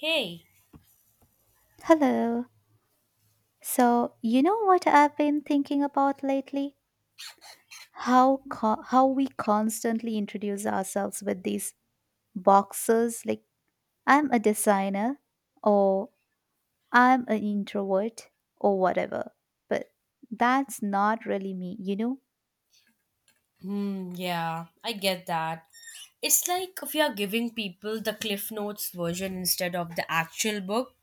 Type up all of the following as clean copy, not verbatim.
Hey. Hello. So, you know what I've been thinking about lately? How how we constantly introduce ourselves with these boxes like I'm a designer or I'm an introvert or whatever. But that's not really me, you know? Yeah, I get that. It's like if you're giving people the Cliff Notes version instead of the actual book.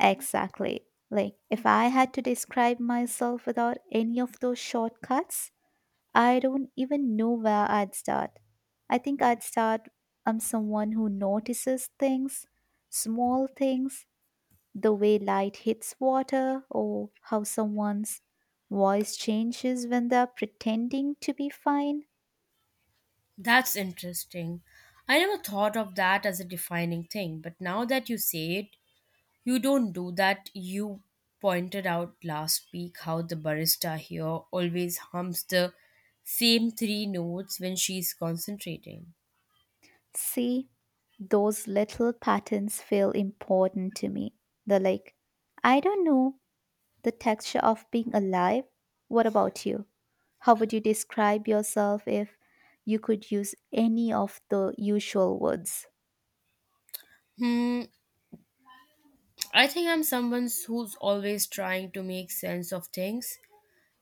Exactly. Like if I had to describe myself without any of those shortcuts, I don't even know where I'd start. I think I'd start I'm someone who notices things, small things, the way light hits water or how someone's voice changes when they're pretending to be fine. That's interesting. I never thought of that as a defining thing, but now that you say it, you don't do that. You pointed out last week how the barista here always hums the same three notes when she's concentrating. See, those little patterns feel important to me. They're like, I don't know, the texture of being alive. What about you? How would you describe yourself if you could use any of the usual words? Hmm, I think I'm someone who's always trying to make sense of things,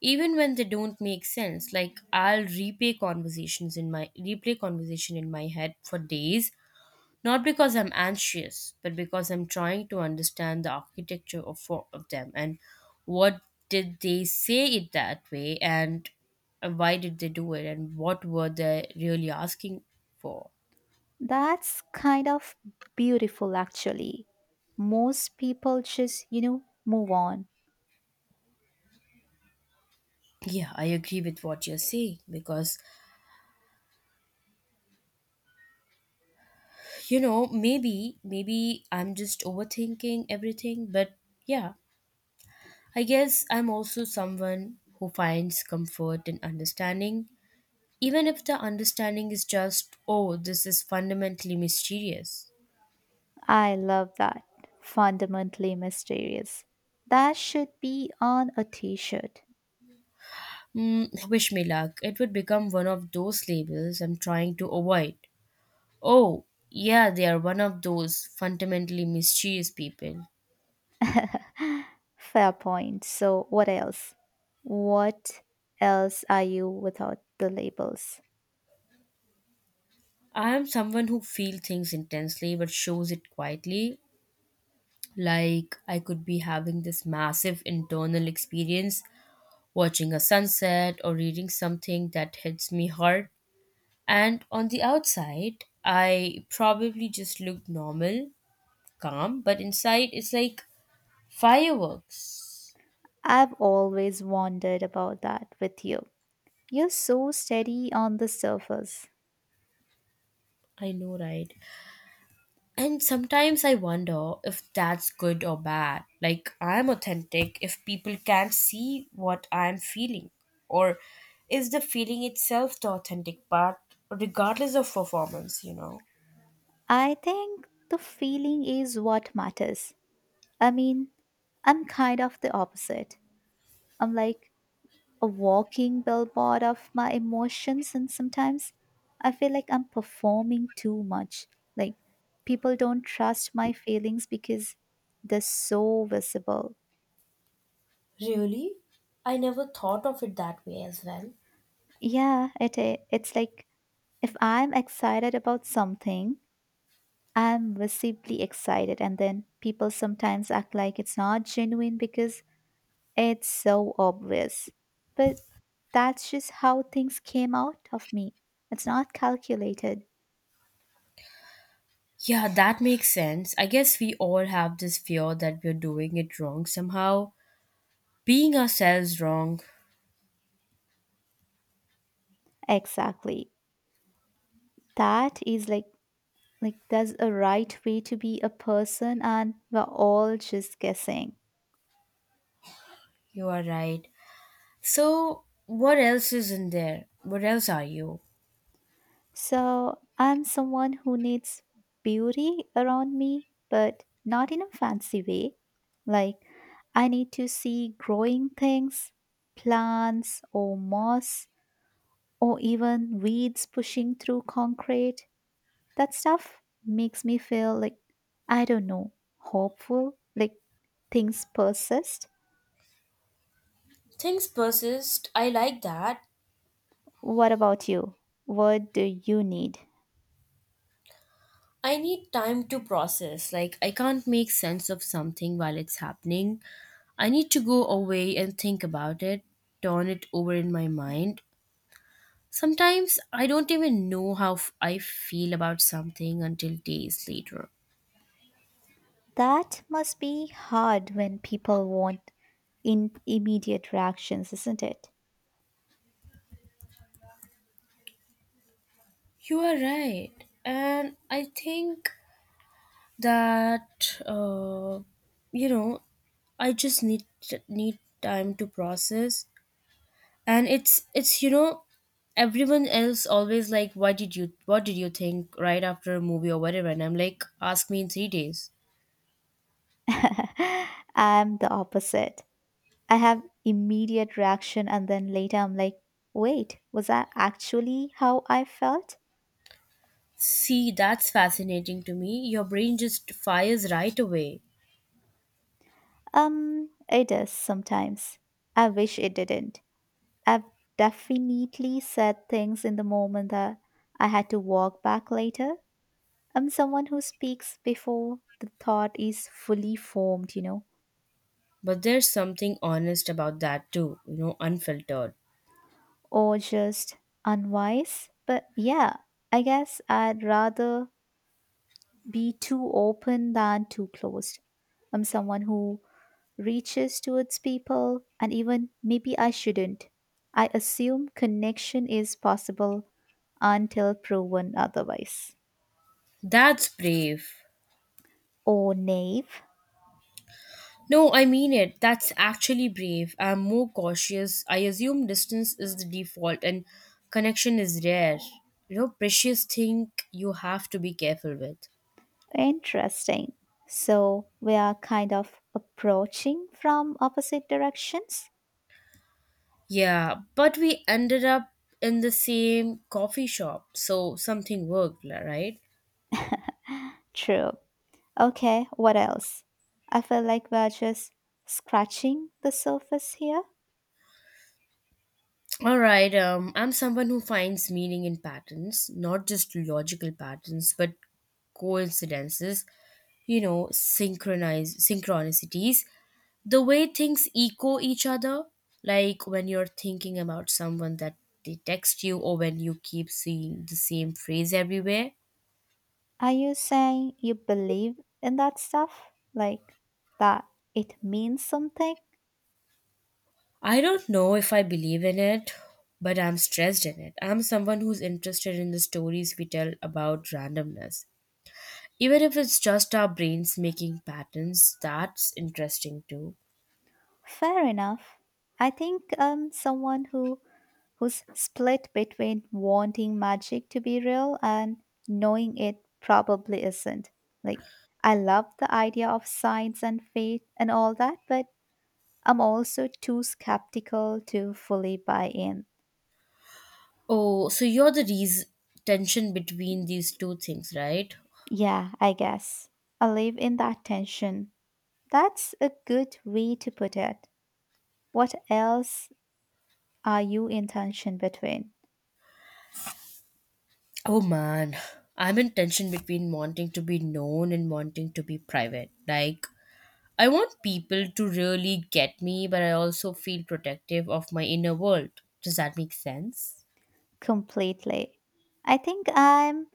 even when they don't make sense. Like I'll replay conversation in my head for days, not because I'm anxious but because I'm trying to understand the architecture of four of them. And what, did they say it that way? And why did they do it and what were they really asking for? That's kind of beautiful, actually. Most people just, you know, move on. Yeah, I agree with what you're saying because, you know, maybe I'm just overthinking everything, but yeah, I guess I'm also someone who finds comfort in understanding, even if the understanding is just, oh, this is fundamentally mysterious. I love that. Fundamentally mysterious. That should be on a t shirt. Mm, wish me luck. It would become one of those labels I'm trying to avoid. Oh, yeah, they are one of those fundamentally mysterious people. Fair point. So, what else? What else are you without the labels? I am someone who feels things intensely but shows it quietly. Like I could be having this massive internal experience watching a sunset or reading something that hits me hard. And on the outside, I probably just look normal, calm, but inside it's like fireworks. I've always wondered about that with you. You're so steady on the surface. I know, right? And sometimes I wonder if that's good or bad. Like, I'm authentic if people can't see what I'm feeling. Or is the feeling itself the authentic part, regardless of performance, you know? I think the feeling is what matters. I mean, I'm kind of the opposite. I'm like a walking billboard of my emotions, and sometimes I feel like I'm performing too much. Like, people don't trust my feelings because they're so visible. Really? I never thought of it that way as well. Yeah, it's like if I'm excited about something, I'm visibly excited, and then people sometimes act like it's not genuine because it's so obvious. But that's just how things came out of me. It's not calculated. Yeah, that makes sense. I guess we all have this fear that we're doing it wrong somehow, being ourselves wrong. Exactly. That is like there's a right way to be a person and we're all just guessing. You are right. So, what else is in there? What else are you? So I'm someone who needs beauty around me, but not in a fancy way. Like, I need to see growing things, plants or moss, or even weeds pushing through concrete. That stuff makes me feel like, I don't know, hopeful, like things persist. Things persist. I like that. What about you? What do you need? I need time to process. Like, I can't make sense of something while it's happening. I need to go away and think about it, turn it over in my mind. Sometimes I don't even know how I feel about something until days later. That must be hard when people want in immediate reactions, isn't it? You are right. And I think that, uh, you know, I just need time to process. And it's you know, everyone else always like, what did you think right after a movie or whatever, and I'm like, ask me in 3 days. I'm the opposite. I have immediate reaction and then later I'm like, wait, was that actually how I felt? See, that's fascinating to me, your brain just fires right away. It does sometimes. I wish it didn't. I've definitely said things in the moment that I had to walk back later. I'm someone who speaks before the thought is fully formed, you know. But there's something honest about that too, you know, unfiltered. Or just unwise. But yeah, I guess I'd rather be too open than too closed. I'm someone who reaches towards people, and even maybe I shouldn't. I assume connection is possible until proven otherwise. That's brave. Oh, naive. No, I mean it. That's actually brave. I'm more cautious. I assume distance is the default and connection is rare. You know, precious thing you have to be careful with. Interesting. So we are kind of approaching from opposite directions? Yeah, but we ended up in the same coffee shop, so something worked, right? True. Okay, what else? I feel like we're just scratching the surface here. All right. I'm someone who finds meaning in patterns, not just logical patterns, but coincidences. You know, synchronize synchronicities, the way things echo each other. Like when you're thinking about someone that they text you, or when you keep seeing the same phrase everywhere. Are you saying you believe in that stuff? Like that it means something? I don't know if I believe in it, but I'm stressed in it. I'm someone who's interested in the stories we tell about randomness. Even if it's just our brains making patterns, that's interesting too. Fair enough. I think someone who who's split between wanting magic to be real and knowing it probably isn't. Like I love the idea of science and faith and all that, but I'm also too skeptical to fully buy in. Oh, so you're the reason tension between these two things, right? Yeah, I guess. I live in that tension. That's a good way to put it. What else are you in tension between? Oh man, I'm in tension between wanting to be known and wanting to be private. Like, I want people to really get me, but I also feel protective of my inner world. Does that make sense? Completely. I think I'm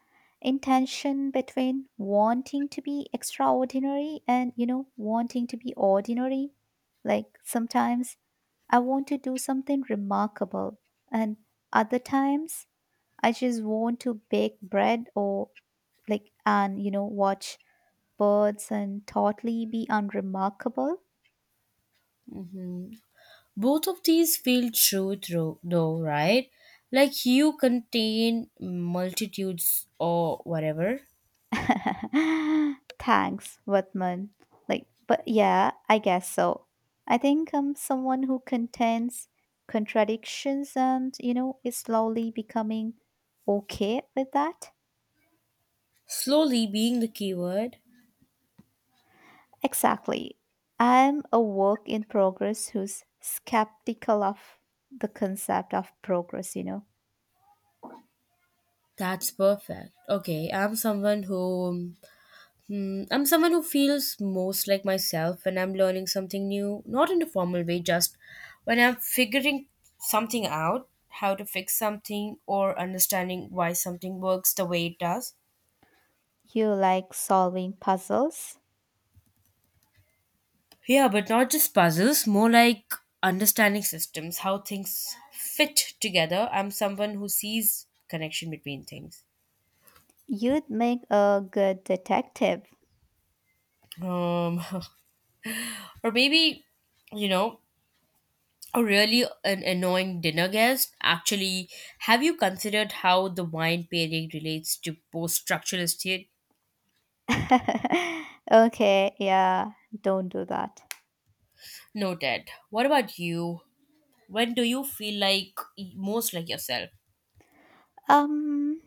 in tension between wanting to be extraordinary and, you know, wanting to be ordinary. Like sometimes I want to do something remarkable, and other times I just want to bake bread or like and you know watch birds and totally be unremarkable? hmm Both of these feel true through though, right? Like you contain multitudes or whatever. Thanks, Vatman. Like, but yeah, I guess so. I think I'm someone who contains contradictions and, you know, is slowly becoming okay with that. Slowly being the keyword. Exactly. I'm a work in progress who's skeptical of the concept of progress, you know. That's perfect. Okay, I'm someone who I'm someone who feels most like myself when I'm learning something new, not in a formal way, just when I'm figuring something out, how to fix something or understanding why something works the way it does. You like solving puzzles? Yeah, but not just puzzles, more like understanding systems, how things fit together. I'm someone who sees connection between things. You'd make a good detective. Um, or maybe, you know, a really an annoying dinner guest. Actually, have you considered how the wine pairing relates to post structuralist theory? Okay, yeah, don't do that. Noted. What about you? When do you feel like most like yourself? Um,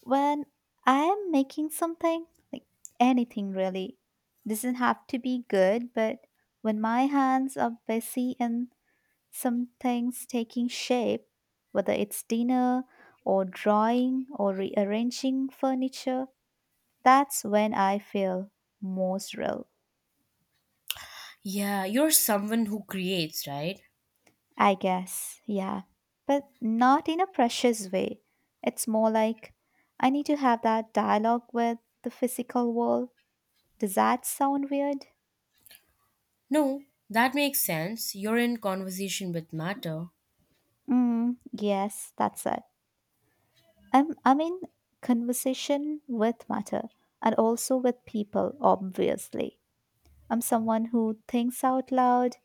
when I am making something, like anything really, doesn't have to be good, but when my hands are busy and something's taking shape, whether it's dinner or drawing or rearranging furniture, that's when I feel most real. Yeah, you're someone who creates, right? I guess, yeah. But not in a precious way. It's more like I need to have that dialogue with the physical world. Does that sound weird? No, that makes sense. You're in conversation with matter. Mm, yes, that's it. I'm in conversation with matter and also with people, obviously. I'm someone who thinks out loud,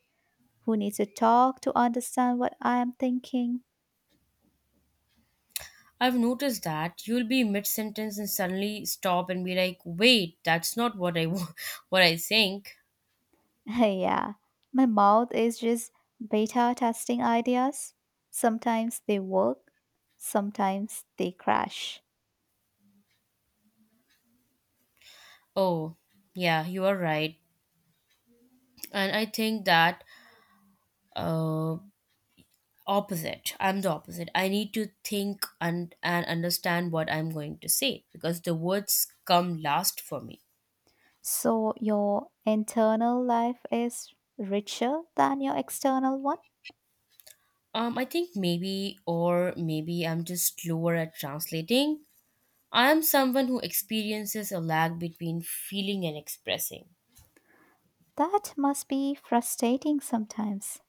who needs to talk to understand what I am thinking. I've noticed that you'll be mid sentence and suddenly stop and be like, "Wait, that's not what I what I think." Yeah, my mouth is just beta testing ideas. Sometimes they work, sometimes they crash. Oh, yeah, you are right. And I think that uh opposite. I'm the opposite. I need to think and understand what I'm going to say because the words come last for me. So your internal life is richer than your external one? I think maybe, or maybe I'm just slower at translating. I am someone who experiences a lag between feeling and expressing. That must be frustrating sometimes.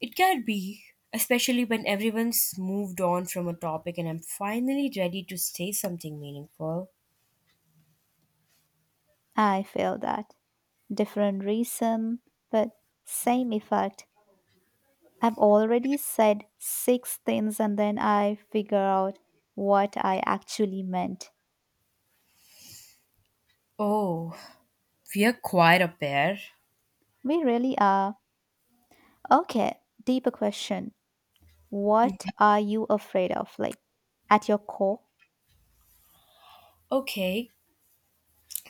It can be, especially when everyone's moved on from a topic and I'm finally ready to say something meaningful. I feel that. Different reason, but same effect. I've already said six things and then I figure out what I actually meant. Oh, we are quite a pair. We really are. Okay, deeper question. What are you afraid of? Like at your core? Okay,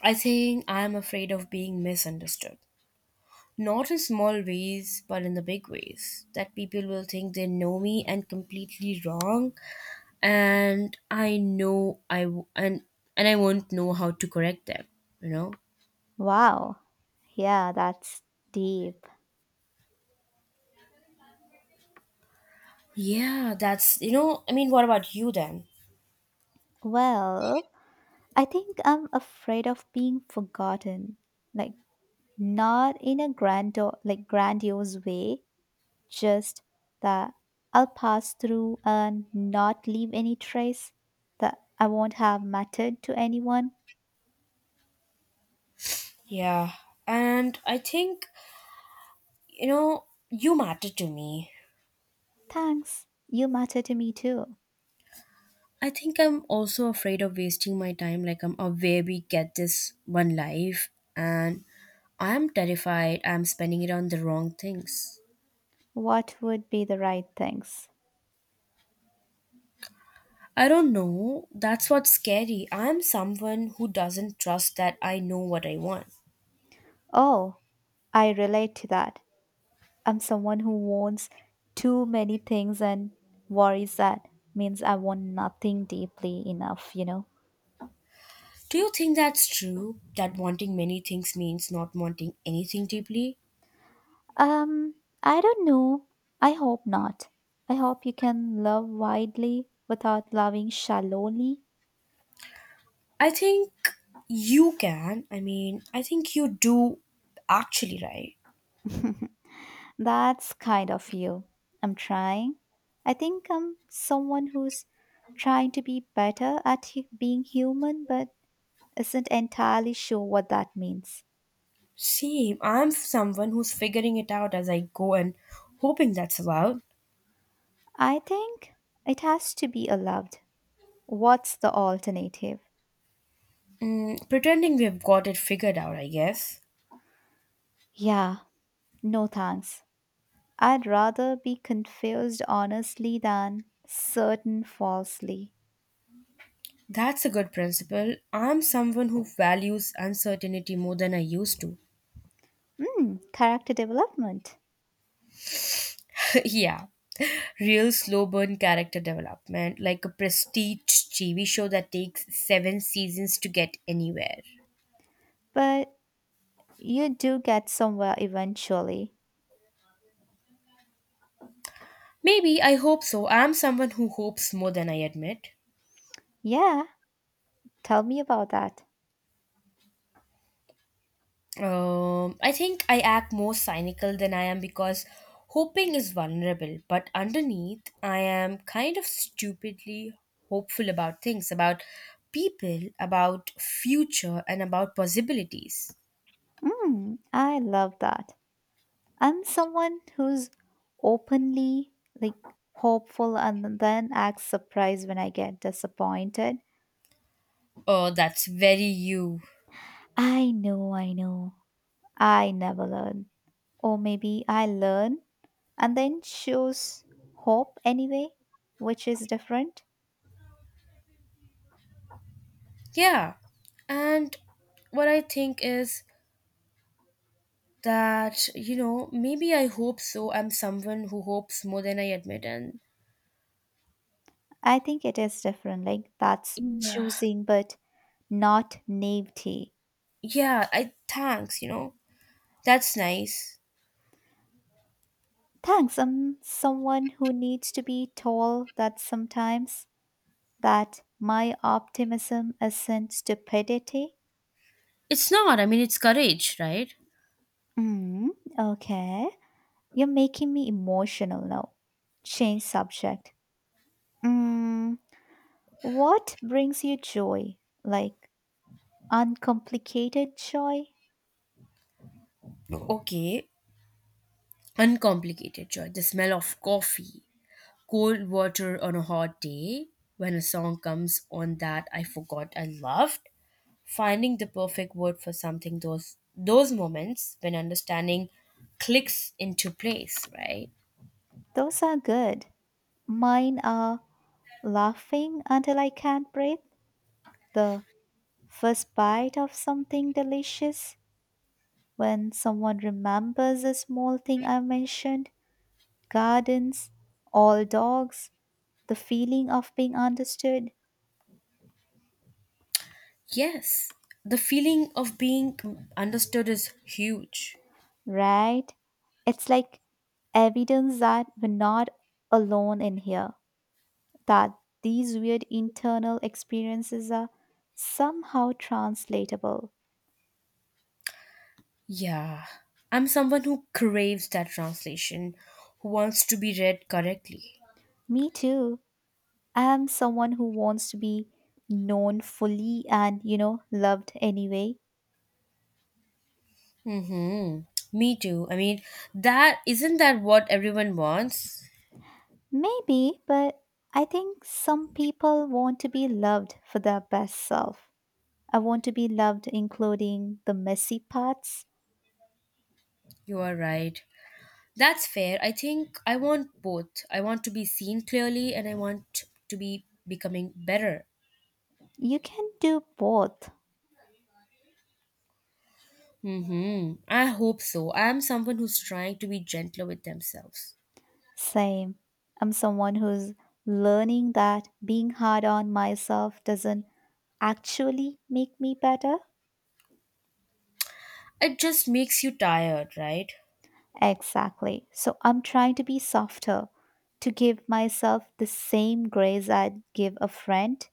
I think I'm afraid of being misunderstood. Not in small ways, but in the big ways. That people will think they know me and completely wrong, and I know I w- and I won't know how to correct them. You know. Wow. Yeah, that's deep. Yeah, that's, you know, I mean, what about you then? Well, I think I'm afraid of being forgotten. Like not in a grand like grandiose way, just that I'll pass through and not leave any trace that I won't have mattered to anyone. Yeah. And I think, you know, you matter to me. Thanks. You matter to me too. I think I'm also afraid of wasting my time. Like, I'm aware we get this one life, and I'm terrified I'm spending it on the wrong things. What would be the right things? I don't know. That's what's scary. I'm someone who doesn't trust that I know what I want. Oh, I relate to that. I'm someone who wants too many things and worries that means I want nothing deeply enough, you know? Do you think that's true? That wanting many things means not wanting anything deeply? Um, I don't know. I hope not. I hope you can love widely without loving shallowly. I think you can. I mean, I think you do actually, right? That's kind of you. I'm trying. I think I'm someone who's trying to be better at being human, but isn't entirely sure what that means. Same. I'm someone who's figuring it out as I go and hoping that's allowed. I think it has to be allowed. What's the alternative? Mm, pretending we've got it figured out, I guess. Yeah, no thanks. I'd rather be confused honestly than certain falsely. That's a good principle. I'm someone who values uncertainty more than I used to. Hmm, character development. Yeah. Real slow burn character development, like a prestige TV show that takes 7 seasons to get anywhere. But you do get somewhere eventually. Maybe I hope so. I'm someone who hopes more than I admit. Yeah, tell me about that. I think I act more cynical than I am because hoping is vulnerable, but underneath, I am kind of stupidly hopeful about things, about people, about future, and about possibilities. Hmm, I love that. I'm someone who's openly like hopeful and then acts surprised when I get disappointed. Oh, that's very you. I know, I know. I never learn. Or maybe I learn and then choose hope anyway, which is different. Yeah. And what I think is that, you know, maybe I hope so. I'm someone who hopes more than I admit. And I think it is different. Like that's yeah. choosing, but not naivety. Yeah, I thanks, you know. That's nice. Thanks. I'm someone who needs to be told that sometimes that my optimism isn't stupidity. It's not, I mean, it's courage, right? Mm, okay. You're making me emotional now. Change subject. Mm, what brings you joy? Like uncomplicated joy? Okay, uncomplicated joy. The smell of coffee, cold water on a hot day, when a song comes on that I forgot I loved, finding the perfect word for something, those moments when understanding clicks into place, right? Those are good. Mine are laughing until I can't breathe, the first bite of something delicious, when someone remembers a small thing I mentioned, gardens, all dogs, the feeling of being understood, Yes. The feeling of being understood is huge. right? It's like evidence that we're not alone in here, that these weird internal experiences are somehow translatable. Yeah, I'm someone who craves that translation, who wants to be read correctly. Me too. I am someone who wants to be known fully and, you know, loved anyway. Mm-hmm. Me too. I mean, that isn't that what everyone wants? Maybe, but I think some people want to be loved for their best self. I want to be loved, including the messy parts. You are right. That's fair. I think I want both. I want to be seen clearly and I want to be becoming better. You can do both. Mm-hmm. I hope so. I am someone who's trying to be gentler with themselves. Same. I'm someone who's learning that being hard on myself doesn't actually make me better. It just makes you tired, right? Exactly. So I'm trying to be softer, to give myself the same grace I'd give a friend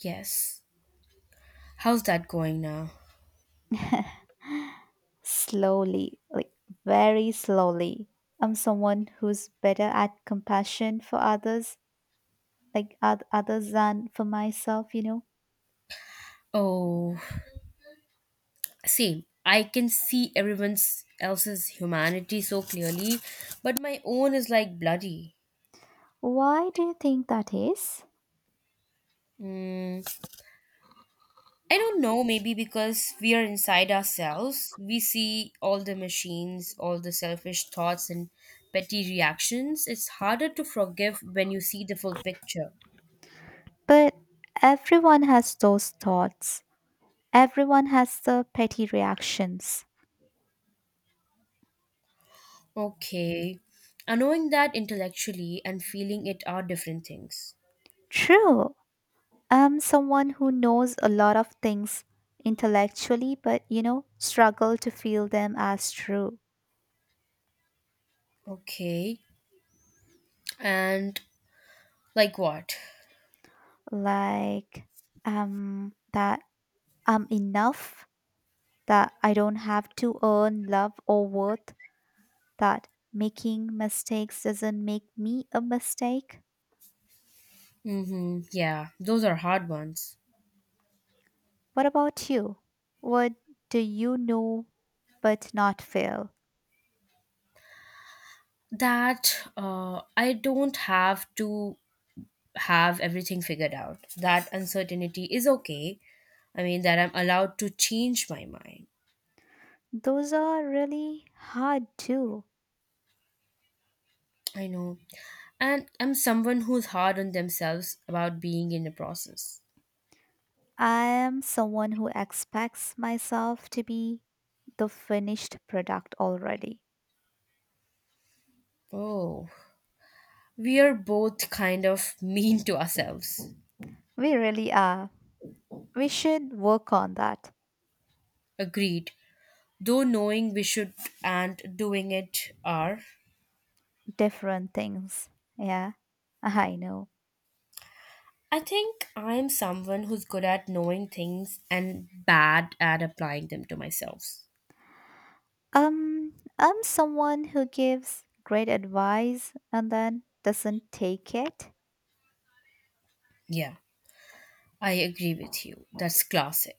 Yes. How's that going now? slowly, like very slowly. I'm someone who's better at compassion for others, like others than for myself, you know. Oh, see, I can see everyone else's humanity so clearly, but my own is like bloody. Why do you think that is? Mm, I don't know, maybe because we are inside ourselves, we see all the machines, all the selfish thoughts, and petty reactions. It's harder to forgive when you see the full picture. But everyone has those thoughts. Everyone has the petty reactions. Okay. And knowing that intellectually and feeling it are different things. True, I'm someone who knows a lot of things intellectually, but you know, struggle to feel them as true. Okay. And like what? Like, that I'm enough, that I don't have to earn love or worth, that making mistakes doesn't make me a mistake. Mm-hmm. Yeah, those are hard ones. What about you? What do you know but not feel? That I don't have to have everything figured out. That uncertainty is okay. I mean, that I'm allowed to change my mind. Those are really hard too. I know. And I'm someone who's hard on themselves about being in the process. I am someone who expects myself to be the finished product already. Oh, we are both kind of mean to ourselves. We really are. We should work on that. Agreed. Though knowing we should and doing it are. Different things. Yeah, I know. I think I'm someone who's good at knowing things and bad at applying them to myself. I'm someone who gives great advice and then doesn't take it. Yeah, I agree with you. That's classic.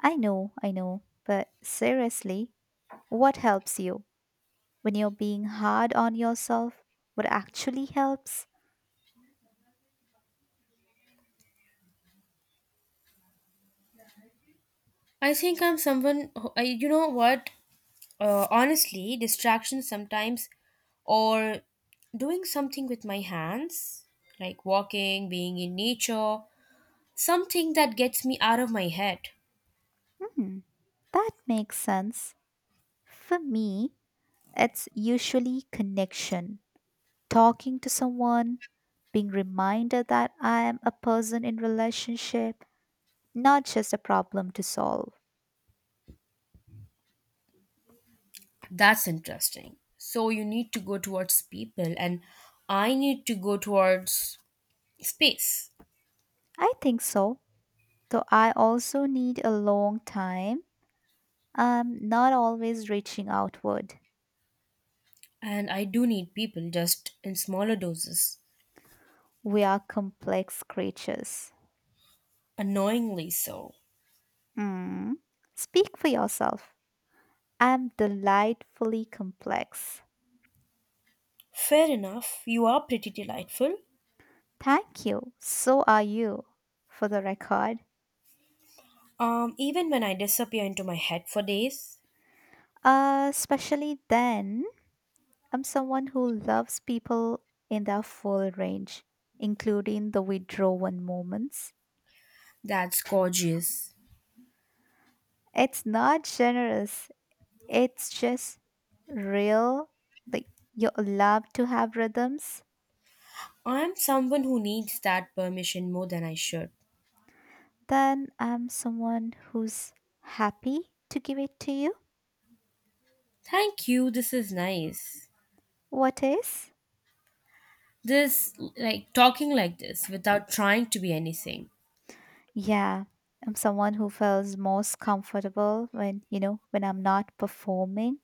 I know, I know. But seriously, what helps you when you're being hard on yourself? What actually helps? I think I'm someone who, I, you know what? Honestly, distractions sometimes or doing something with my hands, like walking, being in nature, something that gets me out of my head. Hmm, that makes sense. For me, it's usually connection, talking to someone, being reminded that I am a person in relationship, not just a problem to solve. That's interesting. So you need to go towards people and I need to go towards space. I think so. Though I also need a long time. I'm not always reaching outward. And I do need people just in smaller doses. We are complex creatures. Annoyingly so. Mm. Speak for yourself. I'm delightfully complex. Fair enough, you are pretty delightful. Thank you. So are you, for the record. Even when I disappear into my head for days. Especially then I'm someone who loves people in their full range, including the withdrawn moments. That's gorgeous. It's not generous, it's just real. Like, you love to have rhythms. I am someone who needs that permission more than I should. Then I'm someone who's happy to give it to you. Thank you, this is nice. What is? This, like, talking like this without trying to be anything. Yeah, I'm someone who feels most comfortable when, you know, when I'm not performing.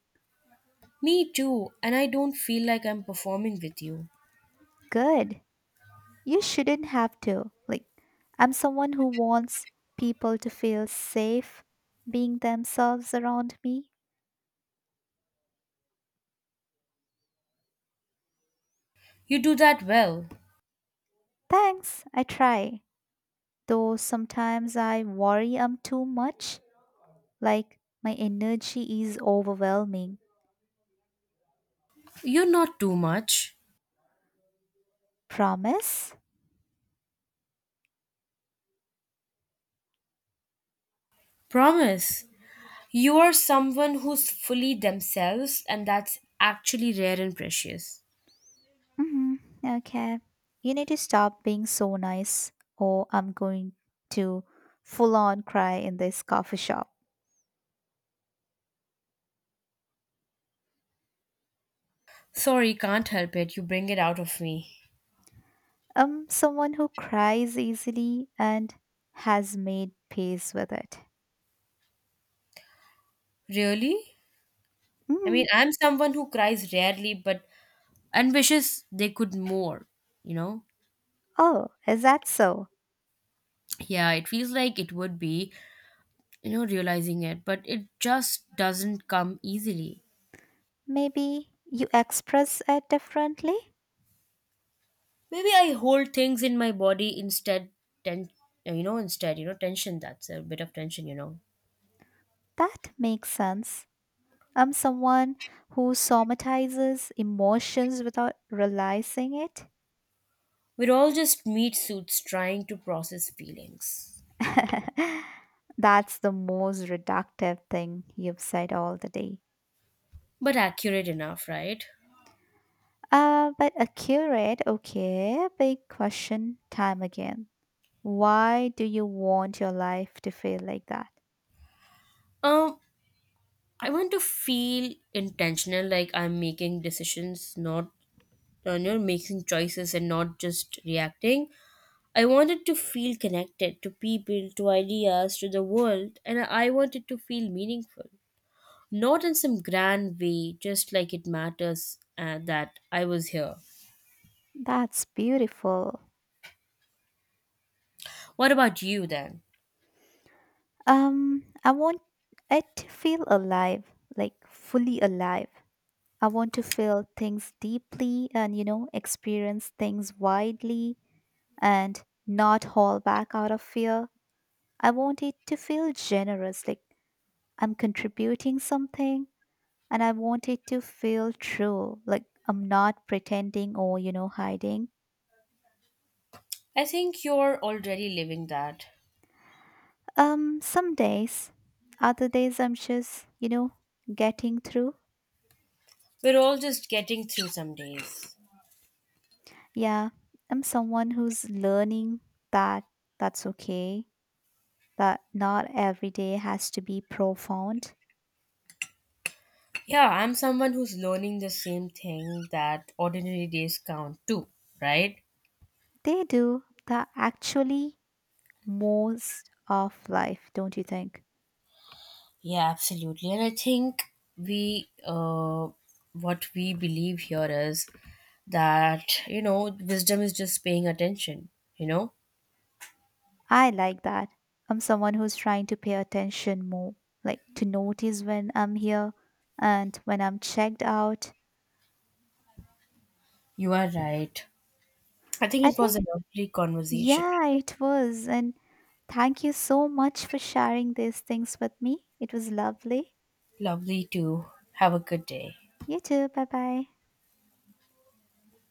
Me too, and I don't feel like I'm performing with you. Good. You shouldn't have to. Like, I'm someone who wants people to feel safe being themselves around me. You do that well. Thanks, I try. Though sometimes I worry I'm too much, like, my energy is overwhelming. You're not too much. Promise? Promise. You are someone who's fully themselves, and that's actually rare and precious. Hmm. Okay. You need to stop being so nice, or I'm going to full on cry in this coffee shop. Sorry, can't help it. You bring it out of me. Someone who cries easily and has made peace with it. Really? I mean, Mm, I'm someone who cries rarely, but and wishes they could more, you know? oh, is that so? Yeah, it feels like it would be, you know, realizing it, but it just doesn't come easily. Maybe you express it differently? Maybe I hold things in my body instead, ten, you know, instead, you know, tension. That's a bit of tension, you know. That makes sense. I'm someone who somatizes emotions without realizing it. We're all just meat suits trying to process feelings. That's the most reductive thing you've said all the day. But accurate enough, right? But accurate, okay. Big question time again. Why do you want your life to feel like that? Um, I want to feel intentional, like I'm making decisions, not you know, making choices and not just reacting. I wanted to feel connected to people, to ideas, to the world, and I wanted to feel meaningful. Not in some grand way, just like it matters that I was here. That's beautiful. What about you then? I want it to feel alive, like fully alive. I want to feel things deeply and, you know, experience things widely and not haul back out of fear. I want it to feel generous, like I'm contributing something, and I want it to feel true, like I'm not pretending or, you know, hiding. I think you're already living that. Some days, other days I'm just, you know, getting through. We're all just getting through some days. Yeah, I'm someone who's learning that that's okay, that not every day has to be profound. Yeah, I'm someone who's learning the same thing, that ordinary days count too, right? They do that actually most of life, don't you think? Yeah, absolutely. And I think we, uh, what we believe here is that, you know, wisdom is just paying attention, you know? I like that. I'm someone who's trying to pay attention more, like to notice when I'm here and when I'm checked out. You are right. I think I it was think a lovely conversation. yeah, it was. And thank you so much for sharing these things with me. It was lovely. Lovely to have a good day. You too. Bye bye.